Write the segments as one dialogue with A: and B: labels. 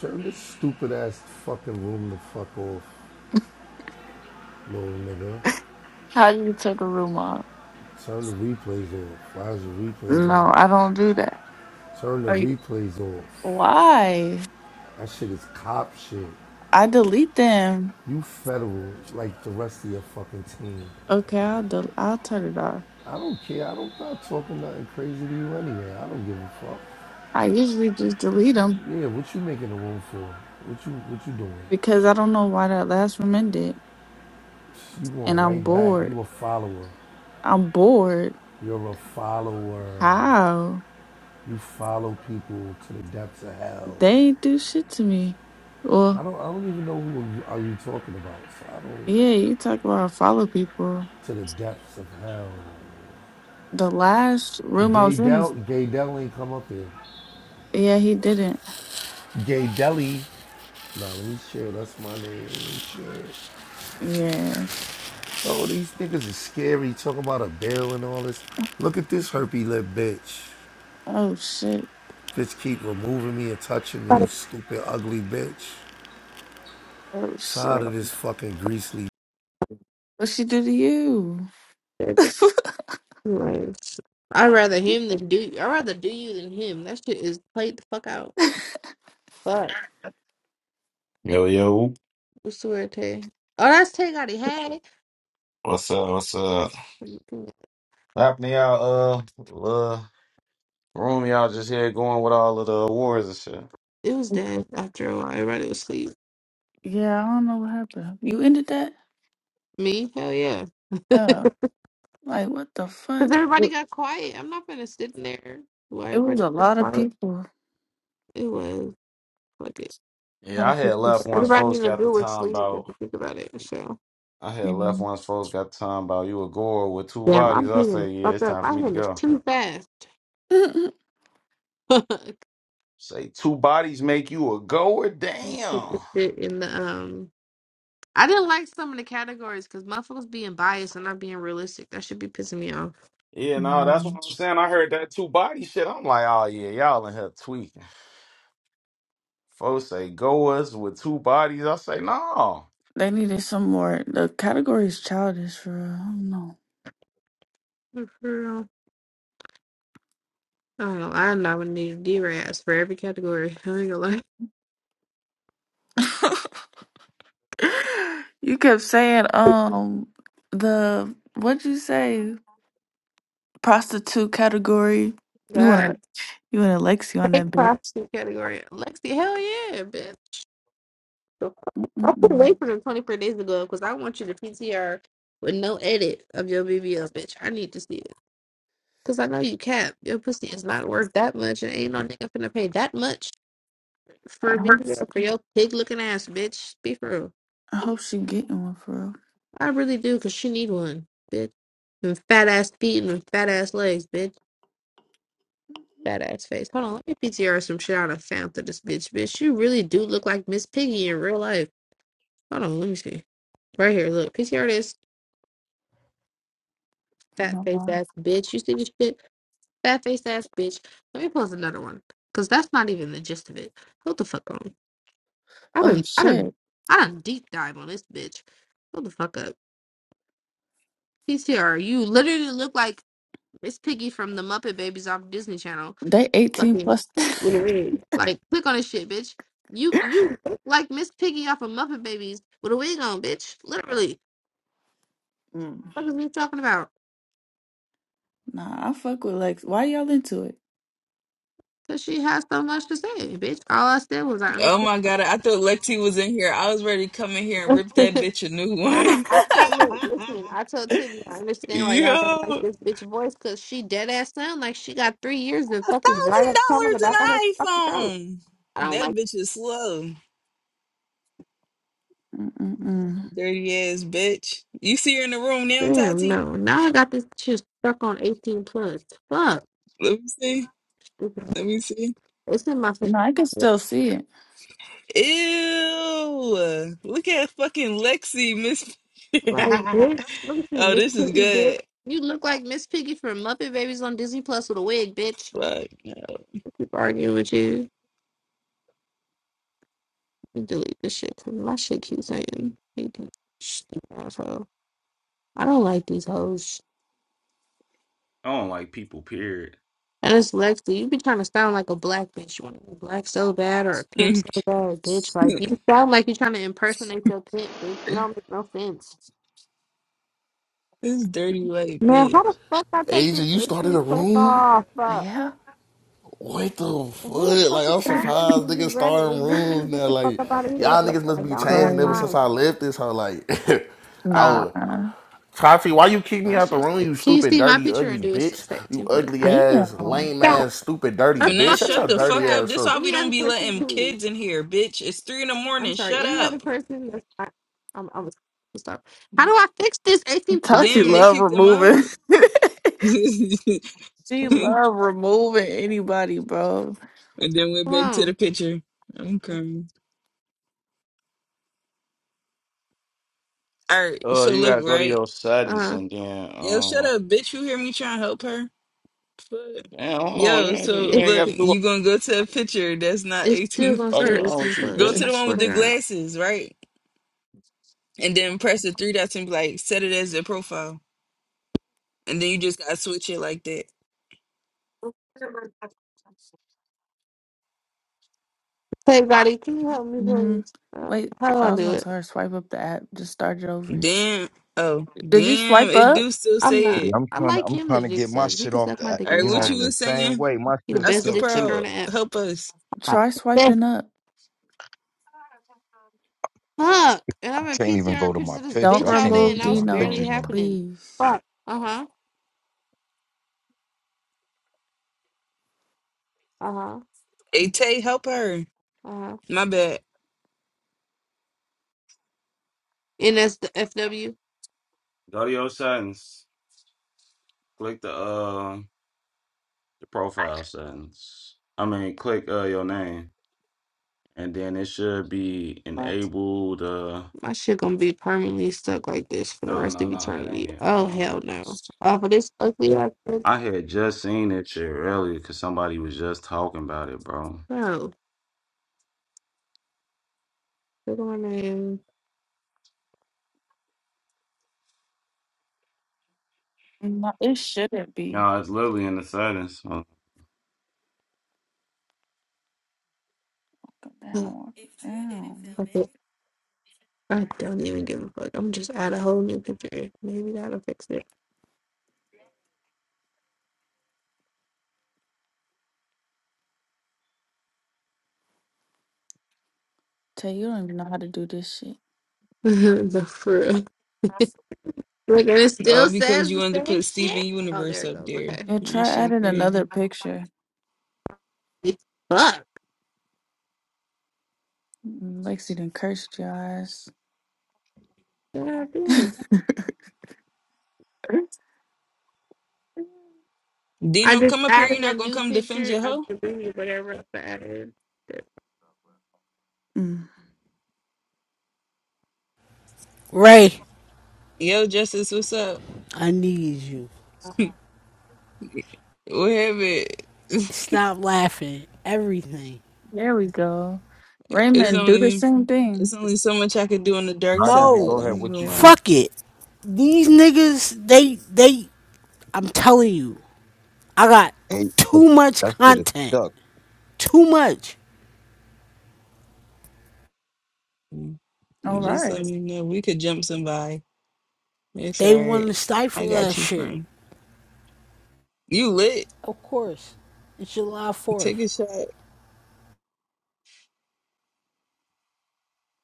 A: Turn this stupid ass fucking room the fuck off, little nigga.
B: How do you take a room off?
A: Turn the replays off. Why is the replays
B: No, I
A: on?
B: don't do that.
A: Turn the
B: Are you-
A: replays off.
B: Why?
A: That shit is cop shit.
B: I delete them.
A: You federal like the rest of your fucking team.
B: Okay, I'll del- I'll turn it off.
A: I don't care. I don't stop talking nothing crazy to you anyway. I don't give a fuck.
B: I usually just delete them
A: Yeah, what you making the room for? What you what you doing?
B: because I don't know why that last room ended,
A: You
B: and
A: going
B: I'm
A: right back.
B: bored.
A: You a follower.
B: I'm bored.
A: You're a follower.
B: How?
A: You follow people to the depths of hell.
B: They ain't do shit to me.
A: I
B: Well,
A: don't. I don't even know who are you talking about. So I
B: yeah,
A: don't
B: you talk about follow people.
A: to the depths of hell.
B: The last room I
A: Gay
B: was in, is-
A: Del. Gay Del ain't come up here.
B: yeah, he didn't.
A: Gay Deli. Nah, let me chill. That's my name. Let me chill.
B: Yeah.
A: Oh, these niggas is scary. Talking about a bill and all this. Look at this herpy lip bitch.
B: Oh shit.
A: Bitch keep removing me and touching me. You stupid ugly bitch.
B: Oh
A: Tired
B: shit.
A: of this fucking greasy
B: What she do to you?
C: Like, I'd rather him than do you. I'd rather do you than him. That shit is played the fuck out. Fuck.
D: Yo, yo.
C: I swear, Tay. Oh, that's Tay got it. Had it.
D: What's up? What's up? What happened to y'all, uh, uh, room y'all just here going with all of the awards and shit?
C: It was dead after a while. Everybody was asleep.
B: Yeah, I don't know what happened. You ended that?
C: Me? Hell yeah.
B: Uh, like what the fuck?
C: Because everybody
B: It
C: got quiet. I'm not going to sit in there. Why
B: it was
C: everybody
B: a
C: got
B: lot of
C: quiet?
B: people.
C: It was. Fuck it.
B: A lot
D: Yeah, I
B: of
D: had
B: people
D: left once
B: See,
C: Everybody
D: folks
C: in the
D: got the
C: group was
D: time
C: asleep if
D: about,
C: you think about it. So,
D: I had left
B: Mhm.
D: once folks got the time about you a goer with two
C: damn,
D: bodies.
C: I'm
D: I
C: hanging
D: say,
C: the
D: yeah,
C: fuck
D: it's time
C: up. My
D: for me to
C: hand is
D: go.
C: too fast. Fuck.
D: Say, two bodies make you a goer?
C: Put
D: Damn.
C: this shit in the, um, I didn't like some of the categories because motherfuckers being biased and not being realistic. That should be pissing me off.
D: Yeah, no, that's what
B: Mm,
D: I'm saying. I heard that two body shit. I'm like, oh, yeah, y'all in here tweaking. Folks say goers with two bodies. I say, no.
B: They needed some more. The category is childish for real. I don't know.
C: For real. I don't know. I know I would need d D-Raz for every category. I ain't gonna lie.
B: You kept saying um the what'd you say prostitute category. You
C: God.
B: wanna you wanna Lexi on that
C: Take
B: bitch.
C: prostitute category. Lexi, hell yeah, bitch. The- I put away
B: Mm-mm.
C: from them 24 days ago because I want you to PTR with no edit of your BBL, bitch. I need to see it. Because I know you cap. Your pussy is not worth that much and ain't no nigga finna pay that much for
B: I
C: a
B: hope she,
C: BBL for your pig looking ass, bitch. Be for real.
B: I hope she getting one for real.
C: I really do, cause she need one, bitch. And fat ass feet and fat ass legs, bitch. Fat ass face. Hold on, let me PTR some shit out of found to this bitch, bitch. You really do look like Miss Piggy in real life. Hold on, let me see. Right here, look. PTR this fat
B: No
C: face
B: problem.
C: ass bitch. You see this shit? Fat face ass bitch. Let me post another one, cause that's not even the gist of it. Hold the fuck on. I
B: Oh
C: done, I done,
B: shit.
C: I done deep dive on this bitch. Hold the fuck up. PTR, you literally look like Miss Piggy from the Muppet Babies off Disney Channel.
B: They 18
C: fucking
B: plus.
C: with a wig. Like, click on this shit, bitch. You you look like Miss Piggy off of Muppet Babies with a wig on, bitch. Literally.
B: Mm.
C: what What is you talking about?
B: Nah, I fuck with Lex. Why y'all into it?
C: Cause she has so much to say, bitch. All I said was I
E: Oh
C: understand.
E: my god, I thought Lexi was in here. I was ready to come in here and
C: nah,
E: rip that bitch a new one.
C: I told look, listen, I told Tibby I understand why y'all don't
E: Yo,
C: like this bitch voice cause she dead ass sound like she got three years of
E: a
C: fucking dried
E: thousand
C: up trauma in
E: dollars
C: the
E: an
C: back of her fucking throat.
E: iPhone.
C: I don't
E: That
C: like
E: bitch is slow.
B: Mm-mm-mm.
E: Dirty ass bitch. You see her in the room now,
C: Damn,
E: Tati?
C: no. Now I got this shit stuck on 18 plus. Fuck.
E: Let me see. Let me see.
C: It's in my face.
B: No, I can still see it.
E: Ew. Look at fucking Lexi, Miss.
C: Like, bitch, look at you,
E: oh,
C: Miss
E: this is
C: Piggy, bitch.
E: good.
C: You look like Miss Piggy from Muppet Babies on Disney Plus with a wig, bitch.
E: Fuck.
C: I keep arguing with you. Let me delete this shit. 'cause My shit keeps saying, asshole. I don't like these hoes.
D: I don't like people, period.
C: And it's Lexi. You be trying to sound like a black bitch. You want to be black so bad or a pimp so bad, bitch.
E: this
C: Like, you sound like you're trying to impersonate your pimp, bitch. It don't make no sense.
E: dirty white
C: Man,
E: bitch.
C: how the fuck I take
F: Asia,
C: this
F: you started
C: 18
F: a
C: plus
F: room?
C: off? Fuck.
B: Yeah.
F: What the
C: Well, who the
F: fuck?
C: fuck
F: Like,
C: is
F: I'm
C: talking to
F: surprised
C: you?
F: niggas
C: Red,
F: starting
C: you're finna
F: rooms
C: get
F: now.
C: the fuck
F: Like,
C: up out of here.
F: y'all
C: dude.
F: niggas
C: I
F: must be
C: don't have
F: changing ever
B: Crying.
F: since
C: time.
F: I left this hoe. Like, I was,
B: Nah.
F: Tati, why you kick me
C: My
F: out the
C: shit's.
F: room, you
C: Can you
F: stupid,
C: see my
F: dirty,
C: picture or
F: ugly
C: do it still
F: bitch?
C: say
F: You
C: two plus
F: ugly
C: five?
F: ass,
B: Damn.
F: lame
C: Stop.
F: ass, stupid, dirty
C: How the
E: Finesse,
F: bitch.
C: fuck do
F: That's
E: shut
F: a
C: I
E: the
C: fix
F: dirty
E: fuck
C: that?
E: up.
F: ass
E: This
F: room.
E: why we
C: Any
E: don't
C: other
E: be
C: person,
E: letting
C: who?
E: kids in here, bitch. It's three in the
C: I'm
E: morning.
C: sorry.
E: Shut
C: Any other
E: up.
C: person that's not. I'm, I'm stop. How do I fix this 18 plus
B: Tati
E: Damn, they
C: shit?
B: love
E: kicked them
B: removing.
E: out. and
B: she
C: Uh-huh. Come
B: love removing anybody, bro.
E: then went back to the
C: on.
E: picture. I'm crying. All right,
D: Oh,
E: so
D: you
E: look,
D: gotta go to
E: right?
D: your
C: Uh
D: settings
C: huh.
D: and then
E: Yo, shut
D: um
E: up, bitch. You hear me trying to help her? Fuck.
D: damn, hold on, you
E: Yo,
D: ain't,
E: so
D: you
C: It,
D: ain't gotta
E: look,
D: do
E: you gonna go to a picture that's not
C: it's still
E: 18
C: gonna
D: all fuck
C: say
E: plus.
D: wrong
C: 18
D: with you,
E: Go
C: plus.
E: to
C: I
D: bitch.
E: the one
C: swear
E: with
C: to
E: the
C: God.
E: glasses, right? And then press the three dots and be like, set it as their profile. And then you just gotta switch it like that.
C: Hey, buddy, can you help me,
B: Mm.
C: please? Uh,
B: Wait,
C: how do I
B: I was
C: do
B: gonna
C: it?
B: tell her swipe up the app. Just start it over.
E: Damn. Oh,
B: Did you
E: damn.
B: swipe
E: It
B: up?
E: do still
C: I'm
E: say
C: not.
G: Hey,
E: it.
G: I'm
C: I
G: trying to
C: like
G: I'm
C: him to
G: trying to
C: dick
G: get my
C: suck. He
G: shit
C: can
G: off
C: suck my
G: the
C: dick
E: All right,
G: you
E: what
G: know
E: you
G: the
C: anytime.
E: was
G: same
E: saying?
G: way. My
C: He the
G: shit's
C: best
E: Oscar
G: stuck
C: dick sucker
G: too.
E: Pearl,
C: on the app.
E: help us.
C: My
B: Try
C: best
B: swiping up.
C: fuck. And
G: I
C: I've been
G: can't even go
C: PTRing
G: to
C: pictures
G: my
C: of this
B: Don't
G: picture. I
C: bitch all
G: can't even
C: day, and
B: remove
G: see
C: that
G: my
C: was barely
G: pictures
B: Dino,
G: no more.
C: happening.
B: please.
C: Fuck. Uh huh. Uh huh.
E: Hey, Tay, help her.
C: Uh huh.
E: My bad.
C: And that's the FW.
D: Go to your settings. Click the uh the profile settings. I mean click uh your name. And then it should be
C: Fuck.
D: enabled uh
C: My shit gonna be permanently stuck like this for the
D: no
C: rest
D: no
C: of
D: no that
C: eternity.
D: ain't it. Hold
C: Oh
D: on.
C: hell no. Off of this ugly ass bitch.
D: I had just seen that shit earlier because somebody was just talking about it, bro.
C: No. Look at my name.
B: No, it shouldn't be.
D: No, it's literally in the settings. Hold
B: Go
C: Ugh,
B: down, walk down.
C: Fuck it. I don't even give a fuck. I'm just add a whole new picture. Maybe that'll fix it.
B: Tay, you don't even know how to do this shit.
C: no, for real. Look, and it
E: Oh,
C: still
E: because
C: says
E: you
C: the
E: wanted to
C: same
E: put Steven
C: shit. Oh,
E: Universe
C: there it
E: up
C: goes.
E: there.
C: Okay.
B: And
E: That
B: try
E: shit
B: adding another
E: crazy.
B: picture.
C: Fuck.
B: Mm, Lexi done cursed your eyes.
C: God damn. I
E: Dino,
C: just
E: come up here. you
C: added a
E: not going to
C: new
E: come defend
C: picture.
E: your
C: I
E: hoe?
C: deleted whatever else I added.
B: Mm,
H: Ray,
E: Yo, Justice, what's up?
H: I need you.
E: What have it?
H: Stop laughing. Everything.
B: there we go.
E: It's
B: Raymond, do the
E: only...
B: same
E: It's
B: thing.
E: only so much I could do on the dark
G: How do
E: side.
G: you
E: I
H: No.
G: go ahead?
E: ain't
G: What
E: even
G: you
E: lie.
G: do?
H: Fuck it. These niggas, they they I'm telling you, I got
G: Hey,
H: too much
G: that shit is
H: content. Too much.
E: Mm.
B: All
E: Just let
B: right.
E: me know. We could jump somebody. It's
H: They
E: all right.
H: wanna
E: I
H: stifle
E: got
H: that
E: you,
H: shit.
E: friend. You lit.
H: Of course. It's July
E: Take
H: fourth.
E: a shot.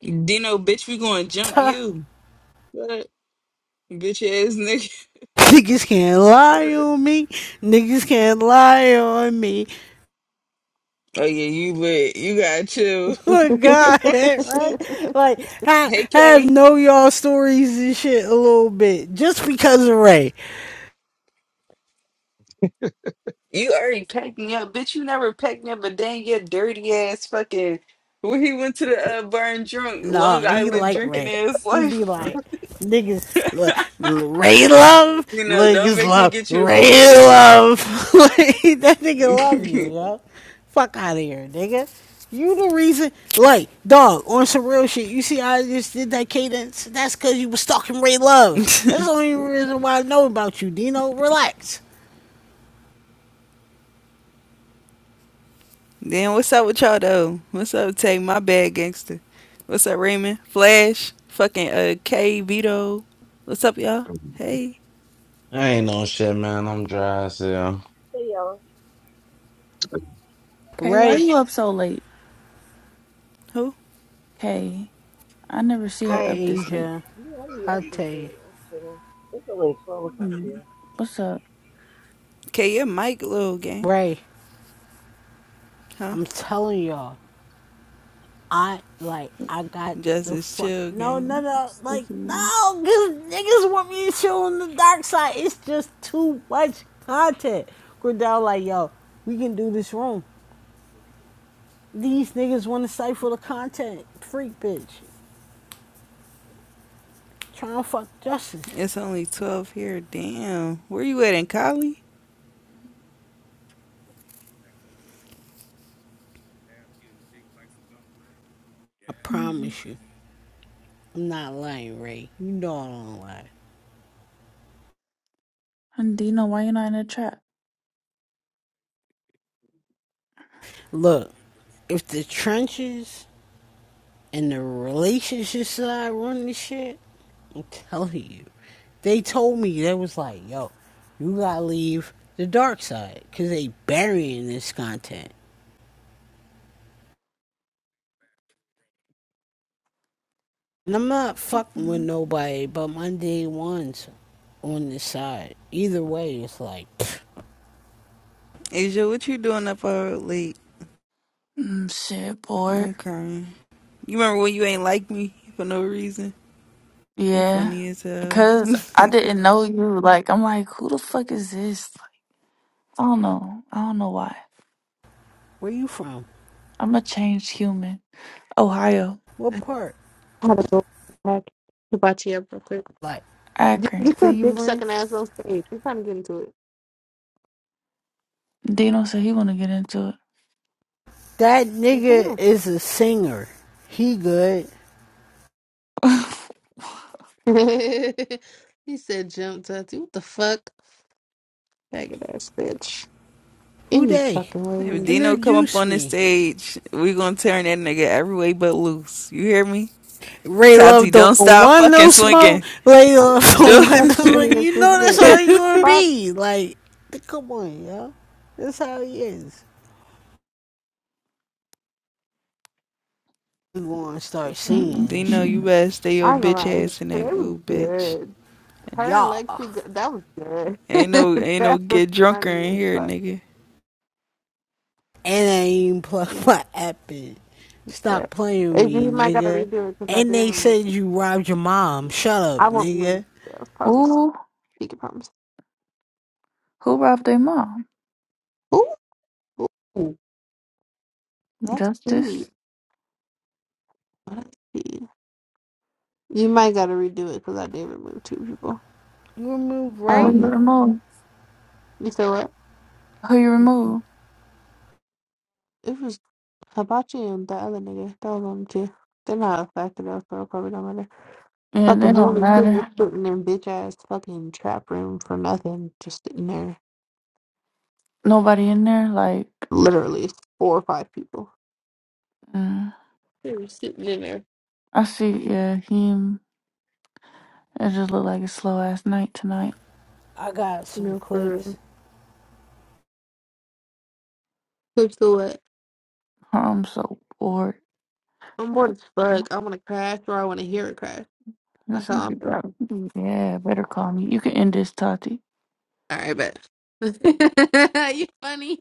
E: Dino, bitch, we gonna jump you. What? Bitch ass nigga.
H: Niggas can't lie on me. Niggas can't lie on me.
E: What? Oh yeah, you lit. You gotta chill.
C: I
H: Look,
E: You
H: God,
E: gotta
H: right?
E: chill.
H: Like, have,
E: hey
H: have
E: Kay,
H: know y'all stories and shit a little bit just because of Ray.
E: you already packed me up, bitch. You never packed me up, but dang your dirty ass fucking. When he went to the uh, bar and drunk,
H: Nah,
E: Long
H: he
E: Island
H: like
E: drinking
H: Ray.
E: ass
H: He be
E: life.
H: like, niggas,
E: you
H: look, l- Ray love,
E: know, don't
H: niggas
E: make me
H: love,
E: get you the
H: Ray
E: fuck together.
H: love. like, that nigga love you, yo. Fuck out of here, nigga. You the reason, like, dog, on some real shit. You see, how I just did that cadence. That's because you was stalking Ray Love. That's the only reason why I know about you, Dino. Relax.
E: Then what's up with y'all though? What's up, Tay? My bad, gangster. What's up, Raymond? Flash, fucking uh, K Vito. What's up, y'all?
G: stuck.
E: Hey,
D: on. I ain't no shit, man. I'm dry as hell.
I: Hey y'all.
B: Kay, why are
H: Ray,
B: you up so late?
E: who?
B: Kay, I never see her
H: hi
J: Bro,
B: up
J: about
B: this late.
H: Asia,
I: do you
J: to
I: have
H: hi
I: up
J: be.
I: this
H: Tay.
I: shit. I'm chilling. It's only 12 o'clock
B: Mm,
I: here.
B: What's up?
E: K, yeah, Mike, little gang,
H: Ray,
E: huh?
H: I'm telling y'all, I like I got the
E: Justice,
H: fuck.
E: chill,
H: No,
E: gang.
H: no, no, like
B: Sticky.
H: no, cause niggas want me to chill on the dark side. It's just too much content. Gridell, like yo, we can do this wrong. These niggas want to cipher the content, freak bitch. trying to fuck justice.
E: It's only twelve here. Damn, where you at in Cali?
H: I
B: Mm.
H: promise you, I'm not lying, Ray. You know I don't lie.
B: Dino, why you not in the trap?
H: Look, if the trenches And the relationships that I run this shit, I'm telling you, they told me they was like, yo, you gotta leave the dark side, 'cause they burying this content. And I'm not fucking with
B: Mm,
H: nobody but my day ones on this side. Either way, it's like,
E: Asia, what you doing up all late?
B: mm, shit, bored.
E: I'm crying. You remember when you ain't like me for no reason? You
B: Yeah,
E: funny as hell.
B: because I
E: if
B: didn't know you. Like, I'm like, who the fuck is this? I don't know. I don't know why.
H: where you from?
B: I'm a changed human. Ohio,
H: What part?
C: had to go back to Bachi up real quick.
H: Like,
C: Dude,
B: Akron.
C: get that dick
H: Cleveland?
C: sucking ass on stage. We're to get into it.
B: Dino said he want to get into it.
H: That
C: Well, Come
H: nigga
C: on.
H: is a singer. He good.
C: he said jump tattoo. What the fuck? Faggot ass bitch.
H: Who
C: Any
H: they?
C: fucking way.
E: Dino come up
H: Introduce
E: on the
H: me
E: stage, we gonna turn that nigga every way but loose. You hear me?
H: Ray
E: Tati,
H: Love
E: don't
H: don't
E: stop
H: want
E: fucking
H: no
E: swinging.
H: smoke. Ray Love
C: That's
H: don't
E: Do-
H: want
C: not
H: no
C: fucking
H: smoke.
C: against
H: You
C: this
H: know that's
C: bitch.
H: how he gonna
C: Fuck.
H: be. Like, come on, yo. That's how he is. You gonna start
B: Mm, mm,
H: singing and
E: Dino,
H: shit.
E: you
B: mm.
E: better stay
C: I
E: your
C: ain't gonna
E: bitch
C: lie,
E: ass in
C: today
E: that
C: was
E: goo, bitch.
C: good. Her and
H: Y'all.
C: Lexi, go- that was good.
E: Ain't no, ain't no
C: That's was
E: get drunker
C: funny
E: in
C: as
E: here,
C: fuck.
E: nigga.
H: And I even plug
C: too.
H: my app in. Stop
C: But
H: playing with
C: if you
H: me,
C: might gotta
H: nigga.
C: redo it because I
H: And
C: did
H: they
C: remove.
H: said you robbed your mom. Shut up,
C: I won't remove the
H: nigga.
C: details. Promise.
B: Ooh,
C: Speaking promise.
B: who robbed their mom?
C: Ooh, ooh, us see.
B: Justice.
C: Let's see. You might gotta redo it because I did remove two people.
H: You remove
C: I
B: Who
H: Ray?
C: won't
B: you
C: do it.
B: remove?
C: You said what?
B: Who you remove?
C: It was Hibachi and the other nigga. That was on the two. They're not affected though, so it probably don't matter.
B: Yeah, they
C: Fucking
B: don't
C: Hula Hula
B: matter.
C: sitting in bitch ass fucking trap room for nothing, just sitting there.
B: Nobody in there. Like,
C: Literally four or five people.
B: mm.
C: They were sitting in there.
B: I see. Yeah, him. It just looked like a slow ass night tonight.
H: I got
C: You
H: some
C: know, for
H: clips.
C: real. Clips to
B: I'm so bored.
C: I'm bored as fuck. I wanna crash or I wanna hear it crash. That's
B: This
C: how I'm
B: nigga
C: feeling.
B: got yeah, better call me. You can end this, Tati.
C: Alright, bet. you funny.